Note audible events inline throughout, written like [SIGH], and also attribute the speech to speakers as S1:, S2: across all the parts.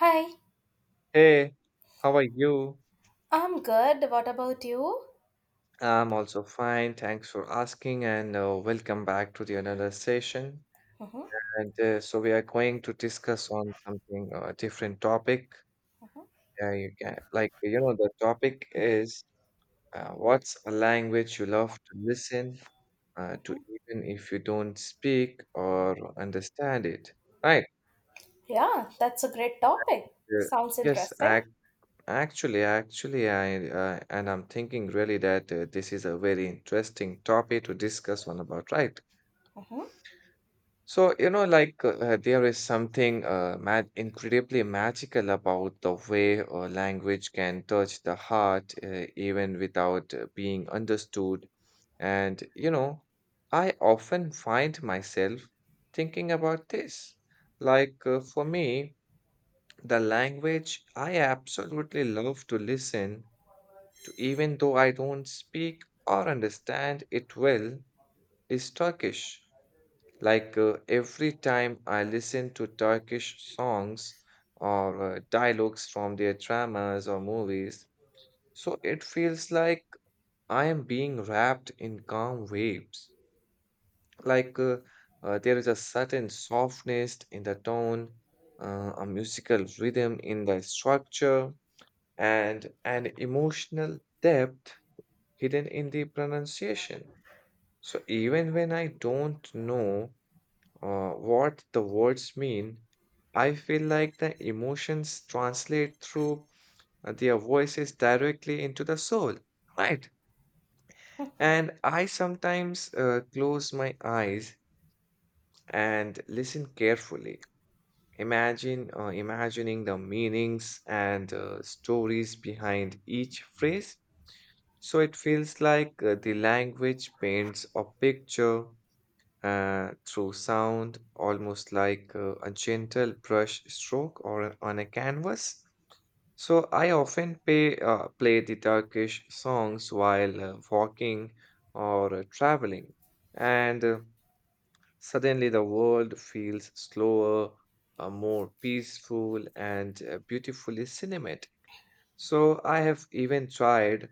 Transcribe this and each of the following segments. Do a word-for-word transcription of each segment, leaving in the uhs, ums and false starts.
S1: Hi,
S2: Hey, how are you?
S1: I'm good. What about you?
S2: I'm also fine. Thanks for asking, and uh, welcome back to the another session.
S1: Hmm.
S2: And uh, so we are going to discuss on something uh, different topic. Uh, you can like you know the topic is uh, what's a language you love to listen uh, to, even if you don't speak or understand it. Right?
S1: Yeah, that's a great topic.
S2: Uh,
S1: Sounds
S2: yes,
S1: interesting.
S2: I Actually, actually, I uh, and I'm thinking really that uh, this is a very interesting topic to discuss One about, right?
S1: Hmm.
S2: So, you know, like uh, uh, there is something uh, mag incredibly magical about the way uh, language can touch the heart uh, even without uh, being understood. And, you know, I often find myself thinking about this. Like uh, for me, the language I absolutely love to listen to even though I don't speak or understand it well, is Turkish. Like uh, every time I listen to Turkish songs or uh, dialogues from their dramas or movies, so it feels like I am being wrapped in calm waves. Like uh, uh, there is a certain softness in the tone, uh, a musical rhythm in the structure, and an emotional depth hidden in the pronunciation. So even when I don't know uh, what the words mean, I feel like the emotions translate through uh, their voices directly into the soul, right? And I sometimes uh, close my eyes and listen carefully. Imagine, uh, imagining the meanings and uh, stories behind each phrase. So it feels like uh, the language paints a picture uh, through sound, almost like uh, a gentle brush stroke or on a canvas. So I often pay, uh, play the Turkish songs while uh, walking or uh, traveling, and uh, suddenly the world feels slower, uh, more peaceful, and uh, beautifully cinematic. So I have even tried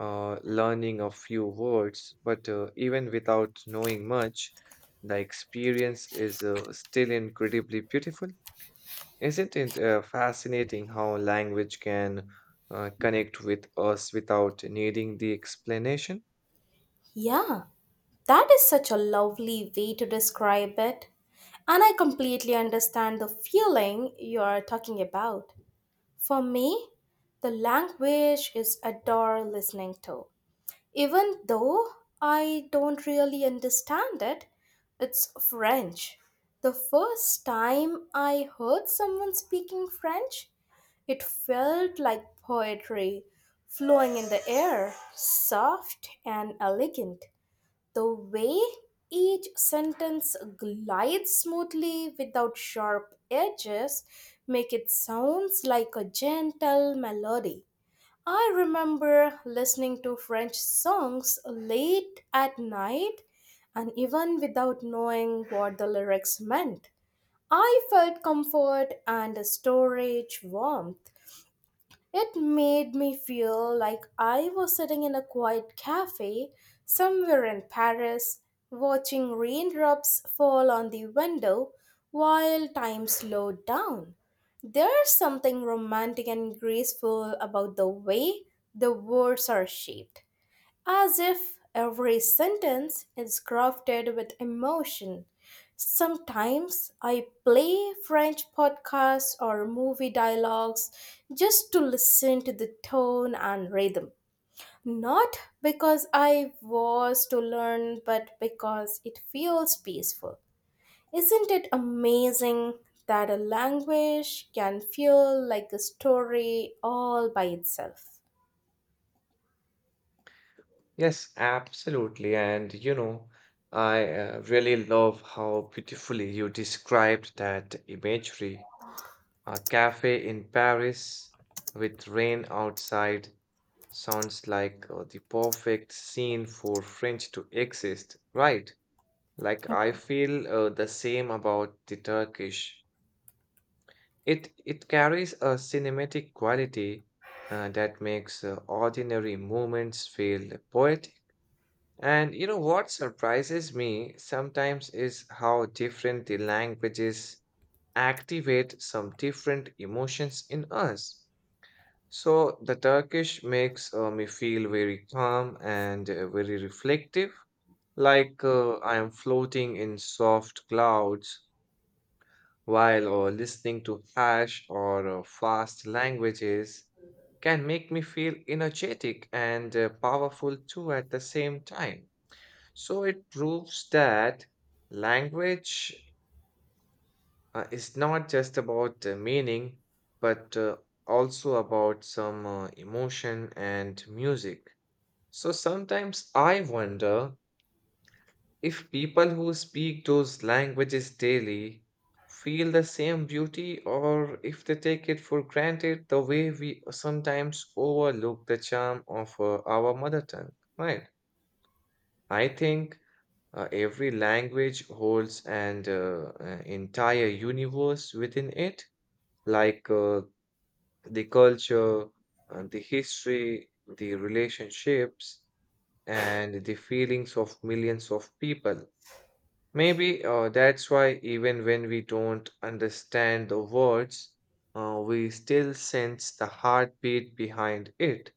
S2: uh, learning a few words, but uh, even without knowing much, the experience is uh, still incredibly beautiful. Isn't it uh, fascinating how language can uh, connect with us without needing the explanation?
S1: Yeah, that is such a lovely way to describe it. And I completely understand the feeling you are talking about. For me, the language is adore listening to. Even though I don't really understand it, it's French. The first time I heard someone speaking French, it felt like poetry flowing in the air, soft and elegant. The way each sentence glides smoothly without sharp edges make it sounds like a gentle melody. I remember listening to French songs late at night and even without knowing what the lyrics meant. I felt comfort and a storage warmth. It made me feel like I was sitting in a quiet cafe somewhere in Paris, watching raindrops fall on the window while time slowed down. There's something romantic and graceful about the way the words are shaped as if every sentence is crafted with emotion. Sometimes I play French podcasts or movie dialogues just to listen to the tone and rhythm. Not because I was to learn, but because it feels peaceful. Isn't it amazing that a language can feel like a story all by itself?
S2: Yes, absolutely. And you know, I uh, really love how beautifully you described that imagery. A cafe in Paris with rain outside sounds like uh, the perfect scene for French to exist, right? Like I feel uh, the same about the Turkish. It it carries a cinematic quality uh, that makes uh, ordinary moments feel poetic. And you know what surprises me sometimes is how different the languages activate some different emotions in us. So the Turkish makes uh, me feel very calm and uh, very reflective, like uh, I am floating in soft clouds while uh, listening to harsh or uh, fast languages can make me feel energetic and uh, powerful too at the same time. So it proves that language uh, is not just about uh, meaning, but uh, also about some uh, emotion and music. So sometimes I wonder if people who speak those languages daily feel the same beauty or if they take it for granted the way we sometimes overlook the charm of uh, our mother tongue, right? I think uh, every language holds an uh, uh, entire universe within it, like uh, the culture, uh, the history, the relationships and the feelings of millions of people. Maybe uh, that's why, even when we don't understand the words, uh, we still sense the heartbeat behind it.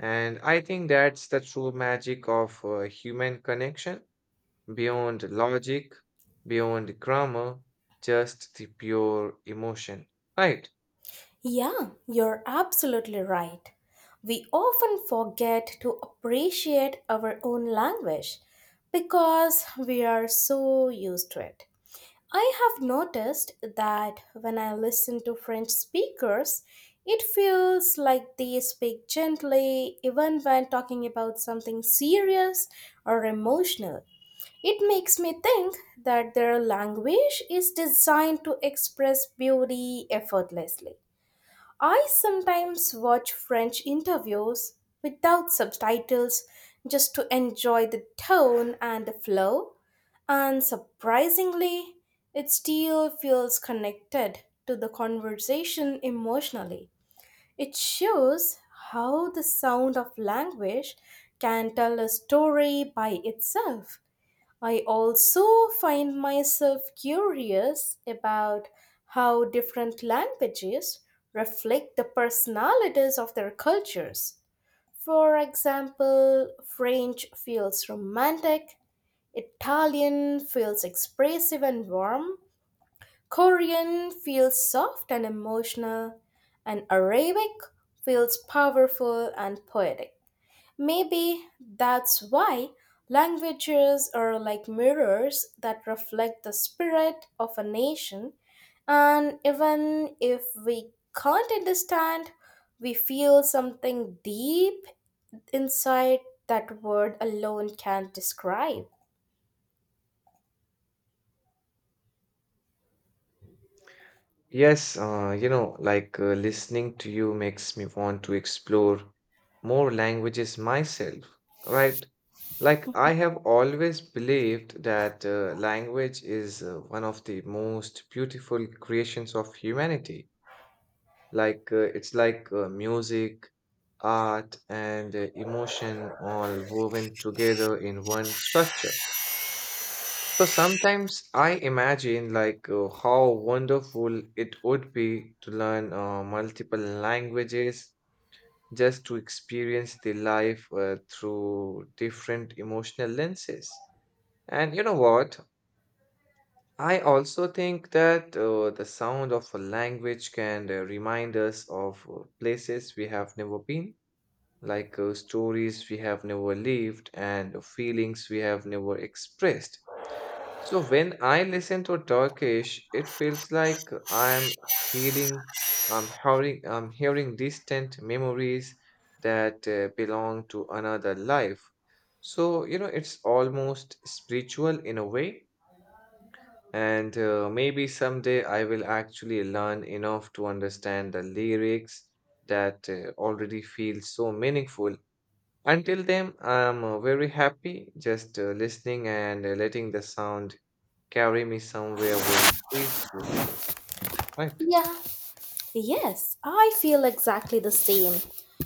S2: And I think that's the true magic of uh, human connection beyond logic, beyond grammar, just the pure emotion. Right?
S1: Yeah, you're absolutely right. We often forget to appreciate our own language because we are so used to it. I have noticed that when I listen to French speakers, it feels like they speak gently even when talking about something serious or emotional. It makes me think that their language is designed to express beauty effortlessly. I sometimes watch French interviews without subtitles just to enjoy the tone and the flow, and surprisingly, it still feels connected to the conversation emotionally. It shows how the sound of language can tell a story by itself. I also find myself curious about how different languages reflect the personalities of their cultures. For example, French feels romantic, Italian feels expressive and warm, Korean feels soft and emotional, and Arabic feels powerful and poetic. Maybe that's why languages are like mirrors that reflect the spirit of a nation, and even if we can't understand, we feel something deep inside that word alone can't describe.
S2: Yes, uh, you know, like uh, listening to you makes me want to explore more languages myself, right? Like, I have always believed that uh, language is uh, one of the most beautiful creations of humanity. Like, uh, it's like uh, music, art, and uh, emotion all woven together in one structure. So sometimes I imagine like uh, how wonderful it would be to learn uh, multiple languages just to experience the life uh, through different emotional lenses. And you know what? I also think that uh, the sound of a language can uh, remind us of uh, places we have never been, like uh, stories we have never lived and feelings we have never expressed. So when I listen to Turkish, it feels like I'm hearing, I'm hearing, I'm hearing distant memories that uh, belong to another life. So, you know, it's almost spiritual in a way. And uh, maybe someday I will actually learn enough to understand the lyrics that uh, already feel so meaningful. Until then, I'm uh, very happy just uh, listening and uh, letting the sound carry me somewhere very peaceful, right?
S1: Yeah, yes, I feel exactly the same.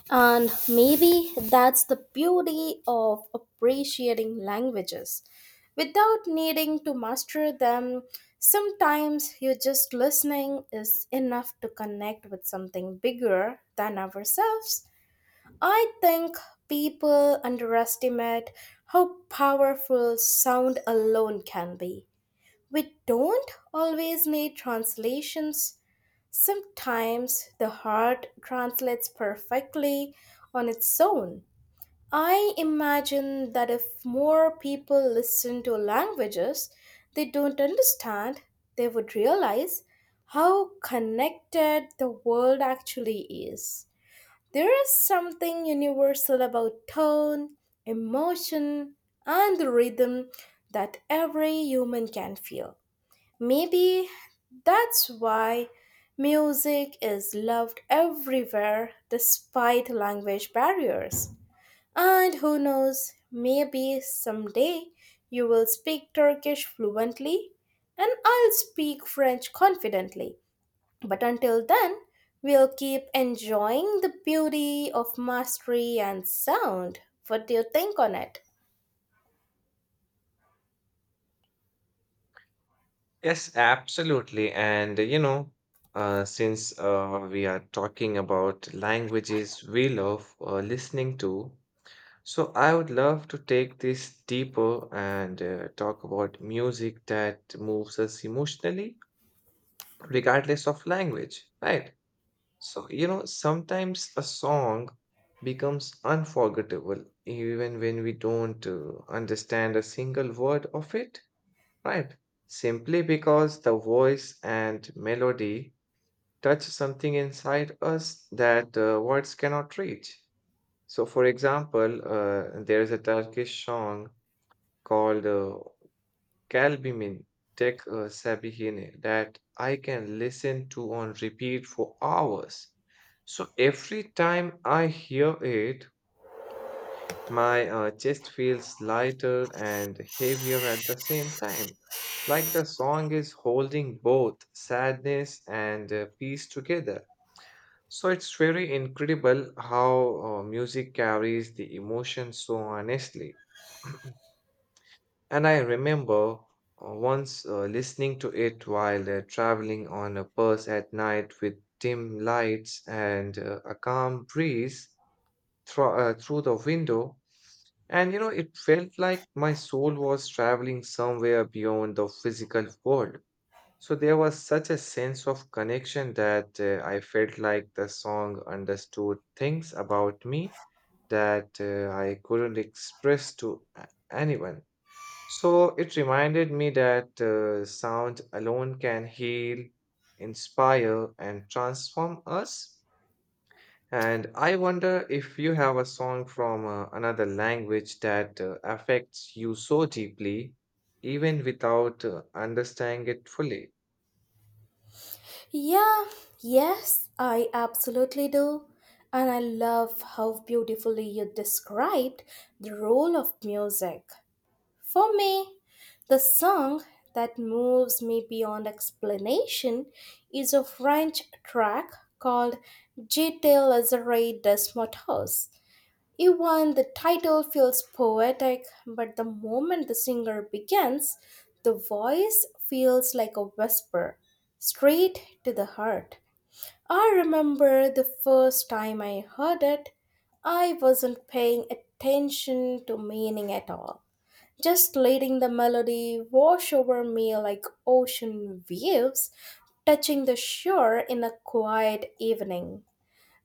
S1: And maybe that's the beauty of appreciating languages. Without needing to master them, sometimes you just listening is enough to connect with something bigger than ourselves. I think people underestimate how powerful sound alone can be. We don't always need translations. Sometimes the heart translates perfectly on its own. I imagine that if more people listen to languages they don't understand, they would realize how connected the world actually is. There is something universal about tone, emotion, and the rhythm that every human can feel. Maybe that's why music is loved everywhere despite language barriers. And who knows, maybe someday you will speak Turkish fluently and I'll speak French confidently. But until then, we'll keep enjoying the beauty of mastery and sound. What do you think on it?
S2: Yes, absolutely. And uh, you know, uh, since uh, we are talking about languages we love uh, listening to, so I would love to take this deeper and uh, talk about music that moves us emotionally, regardless of language, right? So, you know, sometimes a song becomes unforgettable even when we don't uh, understand a single word of it right? Simply because the voice and melody touch something inside us that uh, words cannot reach. So, for example, uh, there is a Turkish song called uh, Kalbimin Tek uh, Sabihine that I can listen to on repeat for hours. So, every time I hear it, my uh, chest feels lighter and heavier at the same time. Like the song is holding both sadness and uh, peace together. So it's very incredible how uh, music carries the emotion so honestly. And I remember uh, once uh, listening to it while uh, traveling on a bus at night with dim lights and uh, a calm breeze thro- uh, through the window. And you know, it felt like my soul was traveling somewhere beyond the physical world. So there was such a sense of connection that uh, I felt like the song understood things about me that uh, I couldn't express to a- anyone. So it reminded me that uh, sound alone can heal, inspire, and transform us. And I wonder if you have a song from uh, another language that uh, affects you so deeply, even without uh, understanding it fully.
S1: Yeah, yes, I absolutely do. And I love how beautifully you described the role of music. For me, the song that moves me beyond explanation is a French track called J'étais lazare des motos." Even the title feels poetic, but the moment the singer begins, the voice feels like a whisper, straight to the heart. I remember the first time I heard it, I wasn't paying attention to meaning at all, just letting the melody wash over me like ocean waves touching the shore in a quiet evening.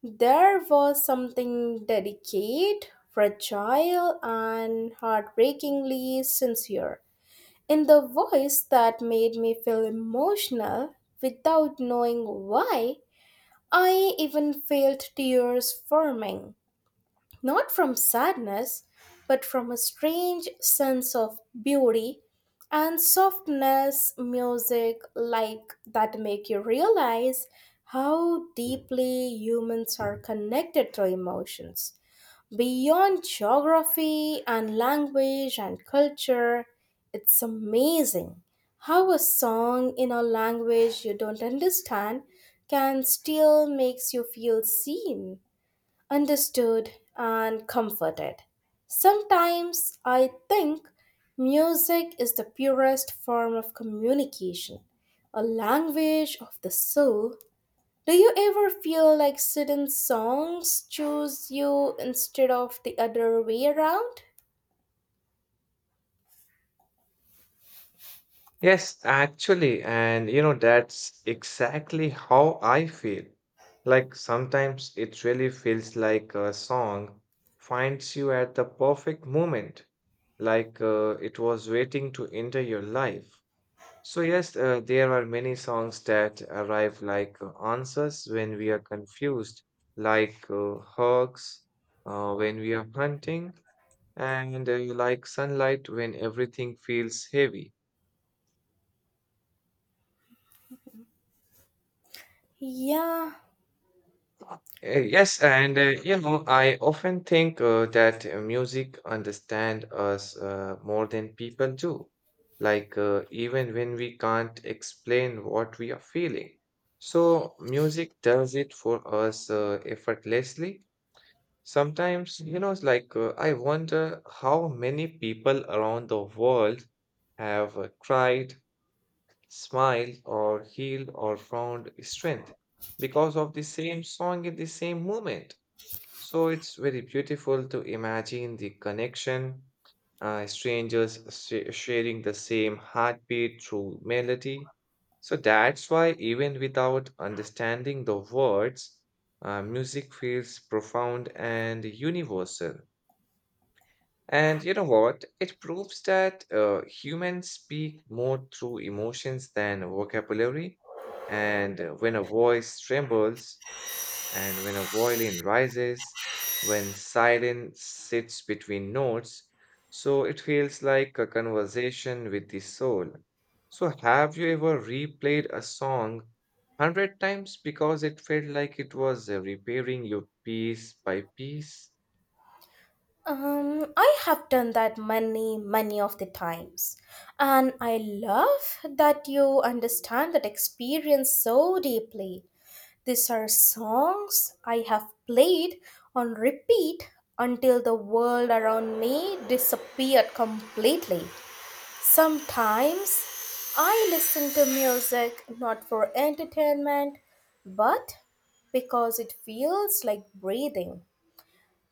S1: There was something delicate, fragile, and heartbreakingly sincere in the voice that made me feel emotional without knowing why. I even felt tears forming not from sadness, but from a strange sense of beauty and softness, music like that make you realize how deeply humans are connected to emotions. Beyond geography and language and culture, it's amazing how a song in a language you don't understand can still makes you feel seen, understood, and comforted. Sometimes I think music is the purest form of communication, a language of the soul. Do you ever feel like certain songs choose you instead of the other way around?
S2: Yes, actually, and you know, that's exactly how I feel. Like sometimes it really feels like a song finds you at the perfect moment, like uh, it was waiting to enter your life. So, yes, uh, there are many songs that arrive like uh, answers when we are confused, like uh, hawks uh, when we are hunting, and uh, like sunlight when everything feels heavy.
S1: Yeah,
S2: Uh, yes, and uh, you know, I often think uh, that uh, music understand us uh, more than people do, like uh, even when we can't explain what we are feeling. So, music does it for us uh, effortlessly sometimes, you know, it's like uh, I wonder how many people around the world have uh, tried, smiled, or healed, or found strength because of the same song in the same moment. So it's very beautiful to imagine the connection, uh, strangers sh- sharing the same heartbeat through melody. So that's why, even without understanding the words, uh, music feels profound and universal. And you know what? It proves that uh, humans speak more through emotions than vocabulary. And uh, when a voice trembles, and when a violin rises, when silence sits between notes, so it feels like a conversation with the soul. So, have you ever replayed a song hundred times because it felt like it was uh, repairing you piece by piece?
S1: um, I have done that many, many of the times. And I love that you understand that experience so deeply. These are songs I have played on repeat until the world around me disappeared completely. Sometimes I listen to music not for entertainment but because it feels like breathing.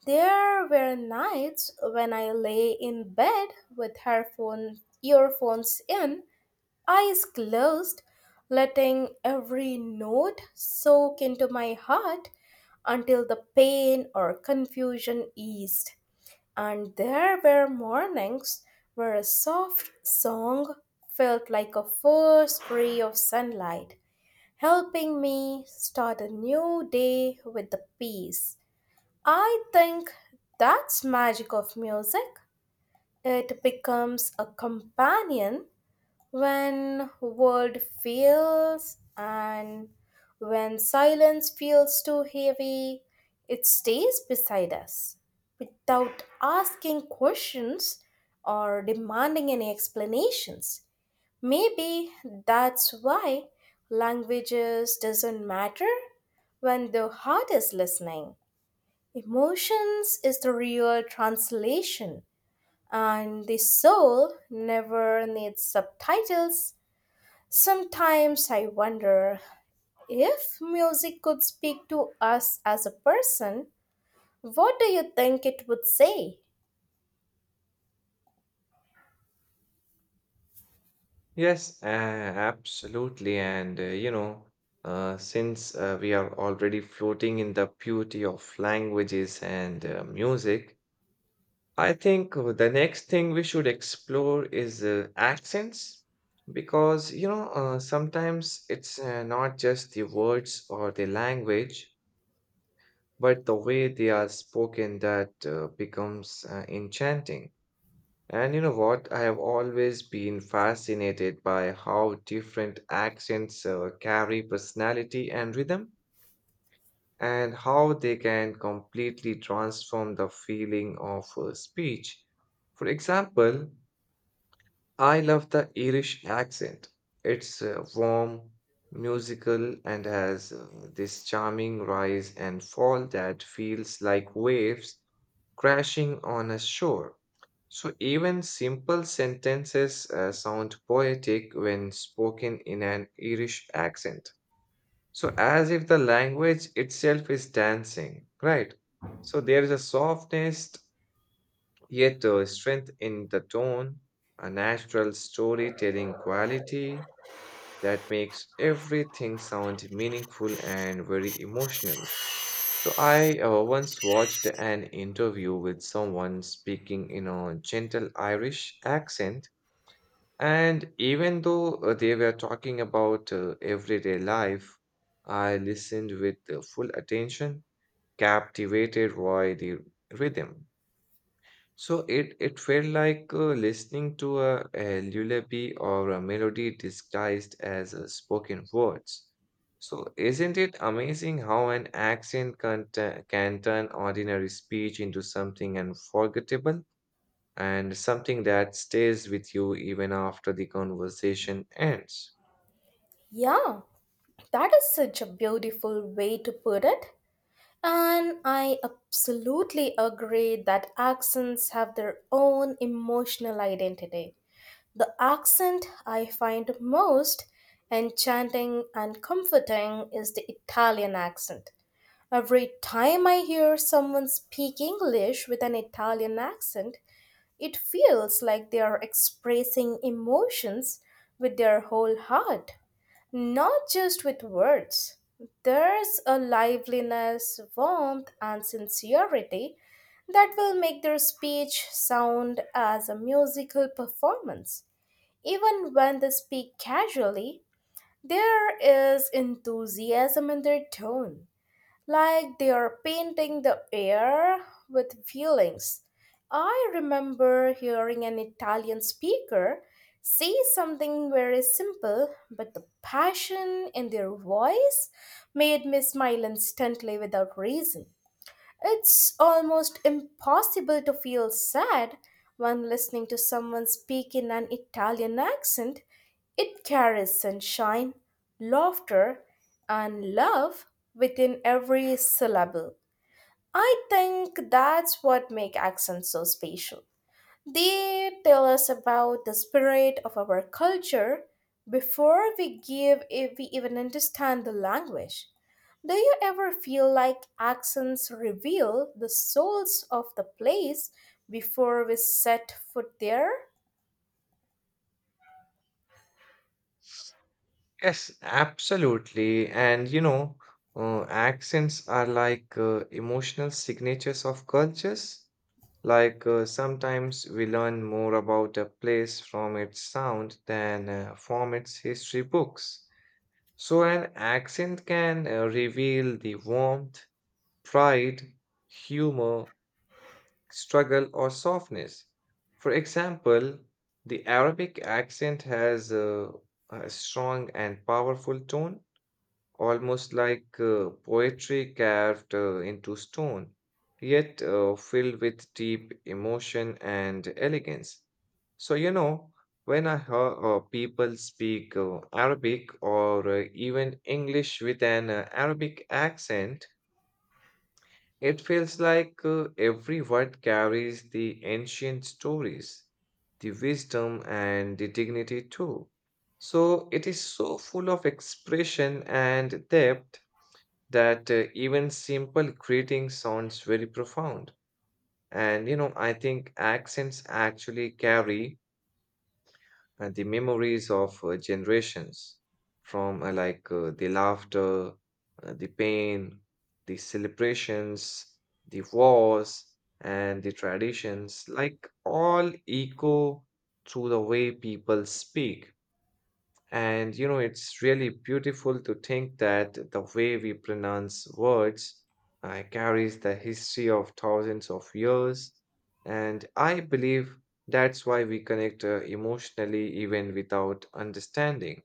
S1: There were nights when I lay in bed with headphone, earphones in, eyes closed, letting every note soak into my heart until the pain or confusion eased. And there were mornings where a soft song felt like a first ray of sunlight, helping me start a new day with the peace. I think that's magic of music. It becomes a companion when world fails, and when silence feels too heavy it stays beside us without asking questions or demanding any explanations. Maybe that's why languages doesn't matter when the heart is listening. Emotions is the real translation, and the soul never needs subtitles. Sometimes I wonder, if music could speak to us as a person, what do you think it would say?
S2: Yes, uh, absolutely. And uh, you know, uh, since uh, we are already floating in the beauty of languages and uh, music, I think uh, the next thing we should explore is uh, accents because you know uh, sometimes it's uh, not just the words or the language but the way they are spoken that uh, becomes uh, enchanting. And you know what? I have always been fascinated by how different accents uh, carry personality and rhythm and how they can completely transform the feeling of uh, speech. For example, I love the Irish accent. It's uh, warm, musical, and has uh, this charming rise and fall that feels like waves crashing on a shore. So even simple sentences uh, sound poetic when spoken in an Irish accent. So as if the language itself is dancing, right? So there is a softness yet the strength in the tone, a natural storytelling quality that makes everything sound meaningful and very emotional. So I uh, once watched an interview with someone speaking in a gentle Irish accent, and even though uh, they were talking about uh, everyday life, I listened with uh, full attention, captivated by the rhythm. So it it felt like uh, listening to a, a lullaby or a melody disguised as uh, spoken words. So isn't it amazing how an accent can, tu- can turn ordinary speech into something unforgettable and something that stays with you even after the conversation ends?
S1: Yeah, that is such a beautiful way to put it. And I absolutely agree that accents have their own emotional identity. The accent I find most enchanting and comforting is the Italian accent. Every time I hear someone speak English with an Italian accent, it feels like they are expressing emotions with their whole heart, not just with words. There's a liveliness, warmth, and sincerity that will make their speech sound as a musical performance. Even when they speak casually, there is enthusiasm in their tone like they are painting the air with feelings. I remember hearing an Italian speaker say something very simple, but the passion in their voice made me smile instantly without reason. It's almost impossible to feel sad when listening to someone speak in an Italian accent. It carries sunshine, laughter, and love within every syllable. I think that's what makes accents so special. They tell us about the spirit of our culture before we give if we even understand the language. Do you ever feel like accents reveal the souls of the place before we set foot there?
S2: Yes, absolutely. And you know, uh, accents are like uh, emotional signatures of cultures. Like, uh, sometimes we learn more about a place from its sound than uh, from its history books. So an accent can uh, reveal the warmth, pride, humor, struggle, or softness. For example, the Arabic accent has uh, a strong and powerful tone, almost like uh, poetry carved uh, into stone, yet uh, filled with deep emotion and elegance. So, you know, when I hear uh, people speak uh, Arabic or uh, even English with an uh, Arabic accent, it feels like uh, every word carries the ancient stories, the wisdom, and the dignity too. So, it is so full of expression and depth that uh, even simple greeting sounds very profound. And you know, I think accents actually carry uh, the memories of uh, generations from uh, like uh, the laughter, uh, the pain, the celebrations, the wars, and the traditions, like all echo through the way people speak. And you know, it's really beautiful to think that the way we pronounce words uh, carries the history of thousands of years. And I believe that's why we connect uh, emotionally even without understanding.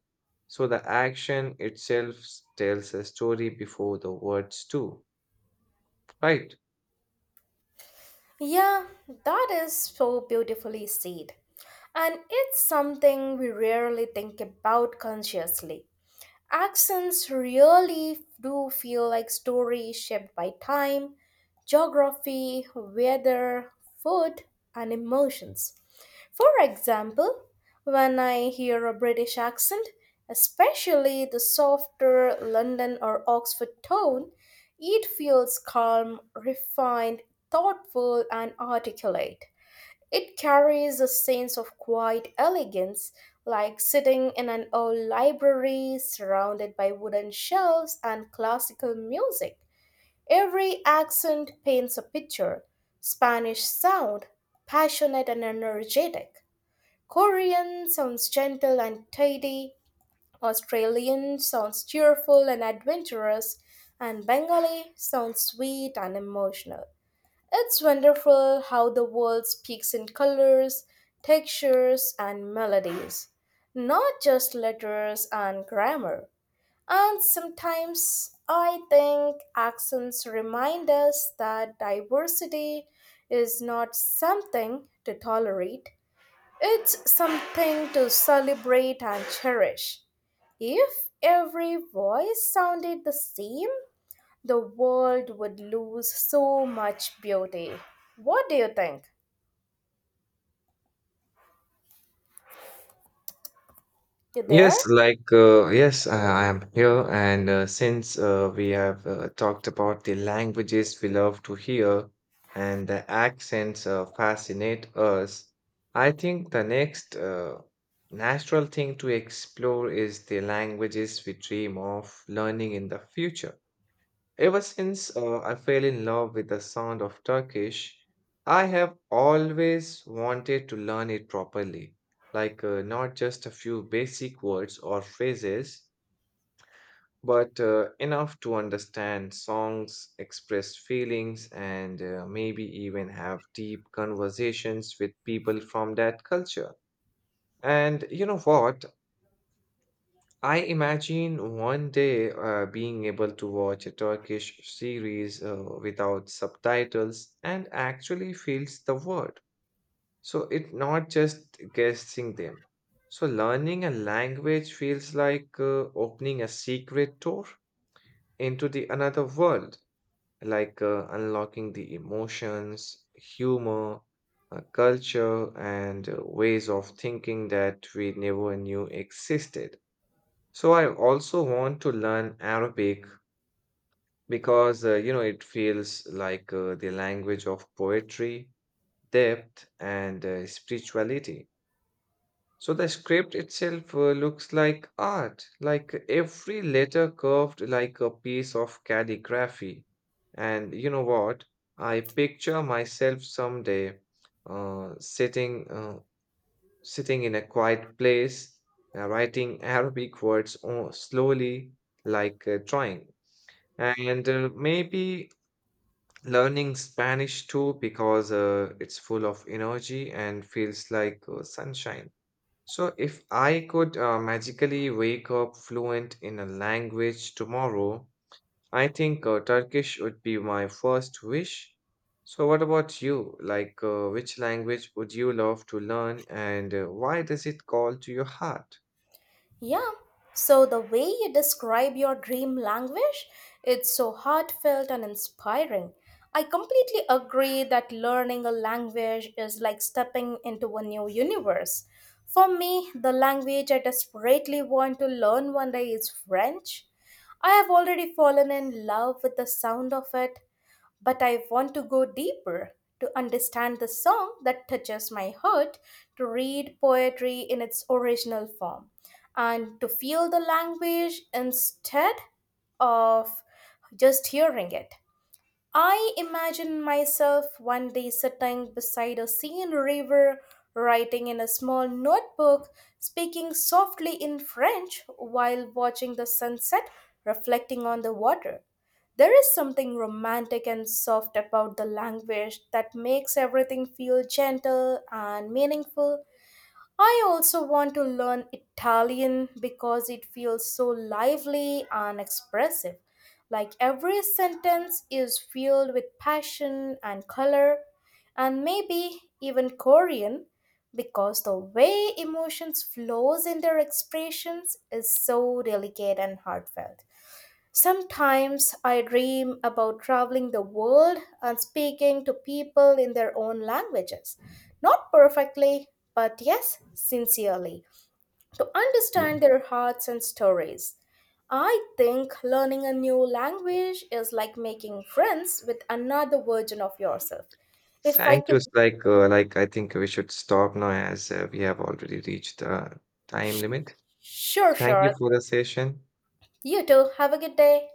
S2: So the action itself tells a story before the words do, right?
S1: Yeah, that is so beautifully said. And it's something we rarely think about consciously. Accents really do feel like stories shaped by time, geography, weather, food, and emotions. For example, when I hear a British accent, especially the softer London or Oxford tone, it feels calm, refined, thoughtful, and articulate. It carries a sense of quiet elegance, like sitting in an old library surrounded by wooden shelves and classical music. Every accent paints a picture. Spanish sound passionate and energetic. Korean sounds gentle and tidy. Australian sounds cheerful and adventurous. And Bengali sounds sweet and emotional. It's wonderful how the world speaks in colors, textures, and melodies, not just letters and grammar. And sometimes I think accents remind us that diversity is not something to tolerate, it's something to celebrate and cherish. If every voice sounded the same, the world would lose so much beauty. What do you think? You there?
S2: Yes, like uh, yes, I I am here, and uh, since uh, we have uh, talked about the languages we love to hear and the accents uh, fascinate us, I think the next uh, natural thing to explore is the languages we dream of learning in the future. Ever since uh, I fell in love with the sound of Turkish, I have always wanted to learn it properly. Like, uh, not just a few basic words or phrases, but uh, enough to understand songs, express feelings, and uh, maybe even have deep conversations with people from that culture. And you know what? I imagine one day uh, being able to watch a Turkish series uh, without subtitles and actually feels the word. So it's not just guessing them. So learning a language feels like uh, opening a secret door into the another world, like uh, unlocking the emotions, humor, uh, culture, and uh, ways of thinking that we never knew existed. So I also want to learn Arabic because uh, you know it feels like uh, the language of poetry, depth, and uh, spirituality. So the script itself uh, looks like art, like every letter curved like a piece of calligraphy. And you know what? I picture myself someday uh, sitting uh, sitting in a quiet place, uh, writing [LAUGHS] Arabic words uh, slowly, like uh, drawing. And uh, maybe learning Spanish too, because uh, it's full of energy and feels like uh, sunshine. So, if I could uh, magically wake up fluent in a language tomorrow, I think uh, Turkish would be my first wish. So, what about you? Like, uh, which language would you love to learn, and uh, why does it call to your heart?
S1: Yeah. So, the way you describe your dream language, it's so heartfelt and inspiring. I completely agree that learning a language is like stepping into a new universe. For me, the language I desperately want to learn one day is French. I have already fallen in love with the sound of it, but I want to go deeper, to understand the song that touches my heart, to read poetry in its original form, and to feel the language instead of just hearing it. I imagine myself one day sitting beside a serene river, writing in a small notebook, speaking softly in French while watching the sunset reflecting on the water. There is something romantic and soft about the language that makes everything feel gentle and meaningful. I also want to learn Italian because it feels so lively and expressive. Like every sentence is filled with passion and color, and maybe even Korean because the way emotions flows in their expressions is so delicate and heartfelt. Sometimes I dream about traveling the world and speaking to people in their own languages. Not perfectly, but yes, sincerely, to understand their hearts and stories. I think learning a new language is like making friends with another version of yourself. If I
S2: Thank
S1: could.
S2: you. Like, uh, like I think we should stop now as uh, we have already reached the time limit.
S1: Sure,
S2: Thank you
S1: sure.
S2: for the session.
S1: You too. Have a good day.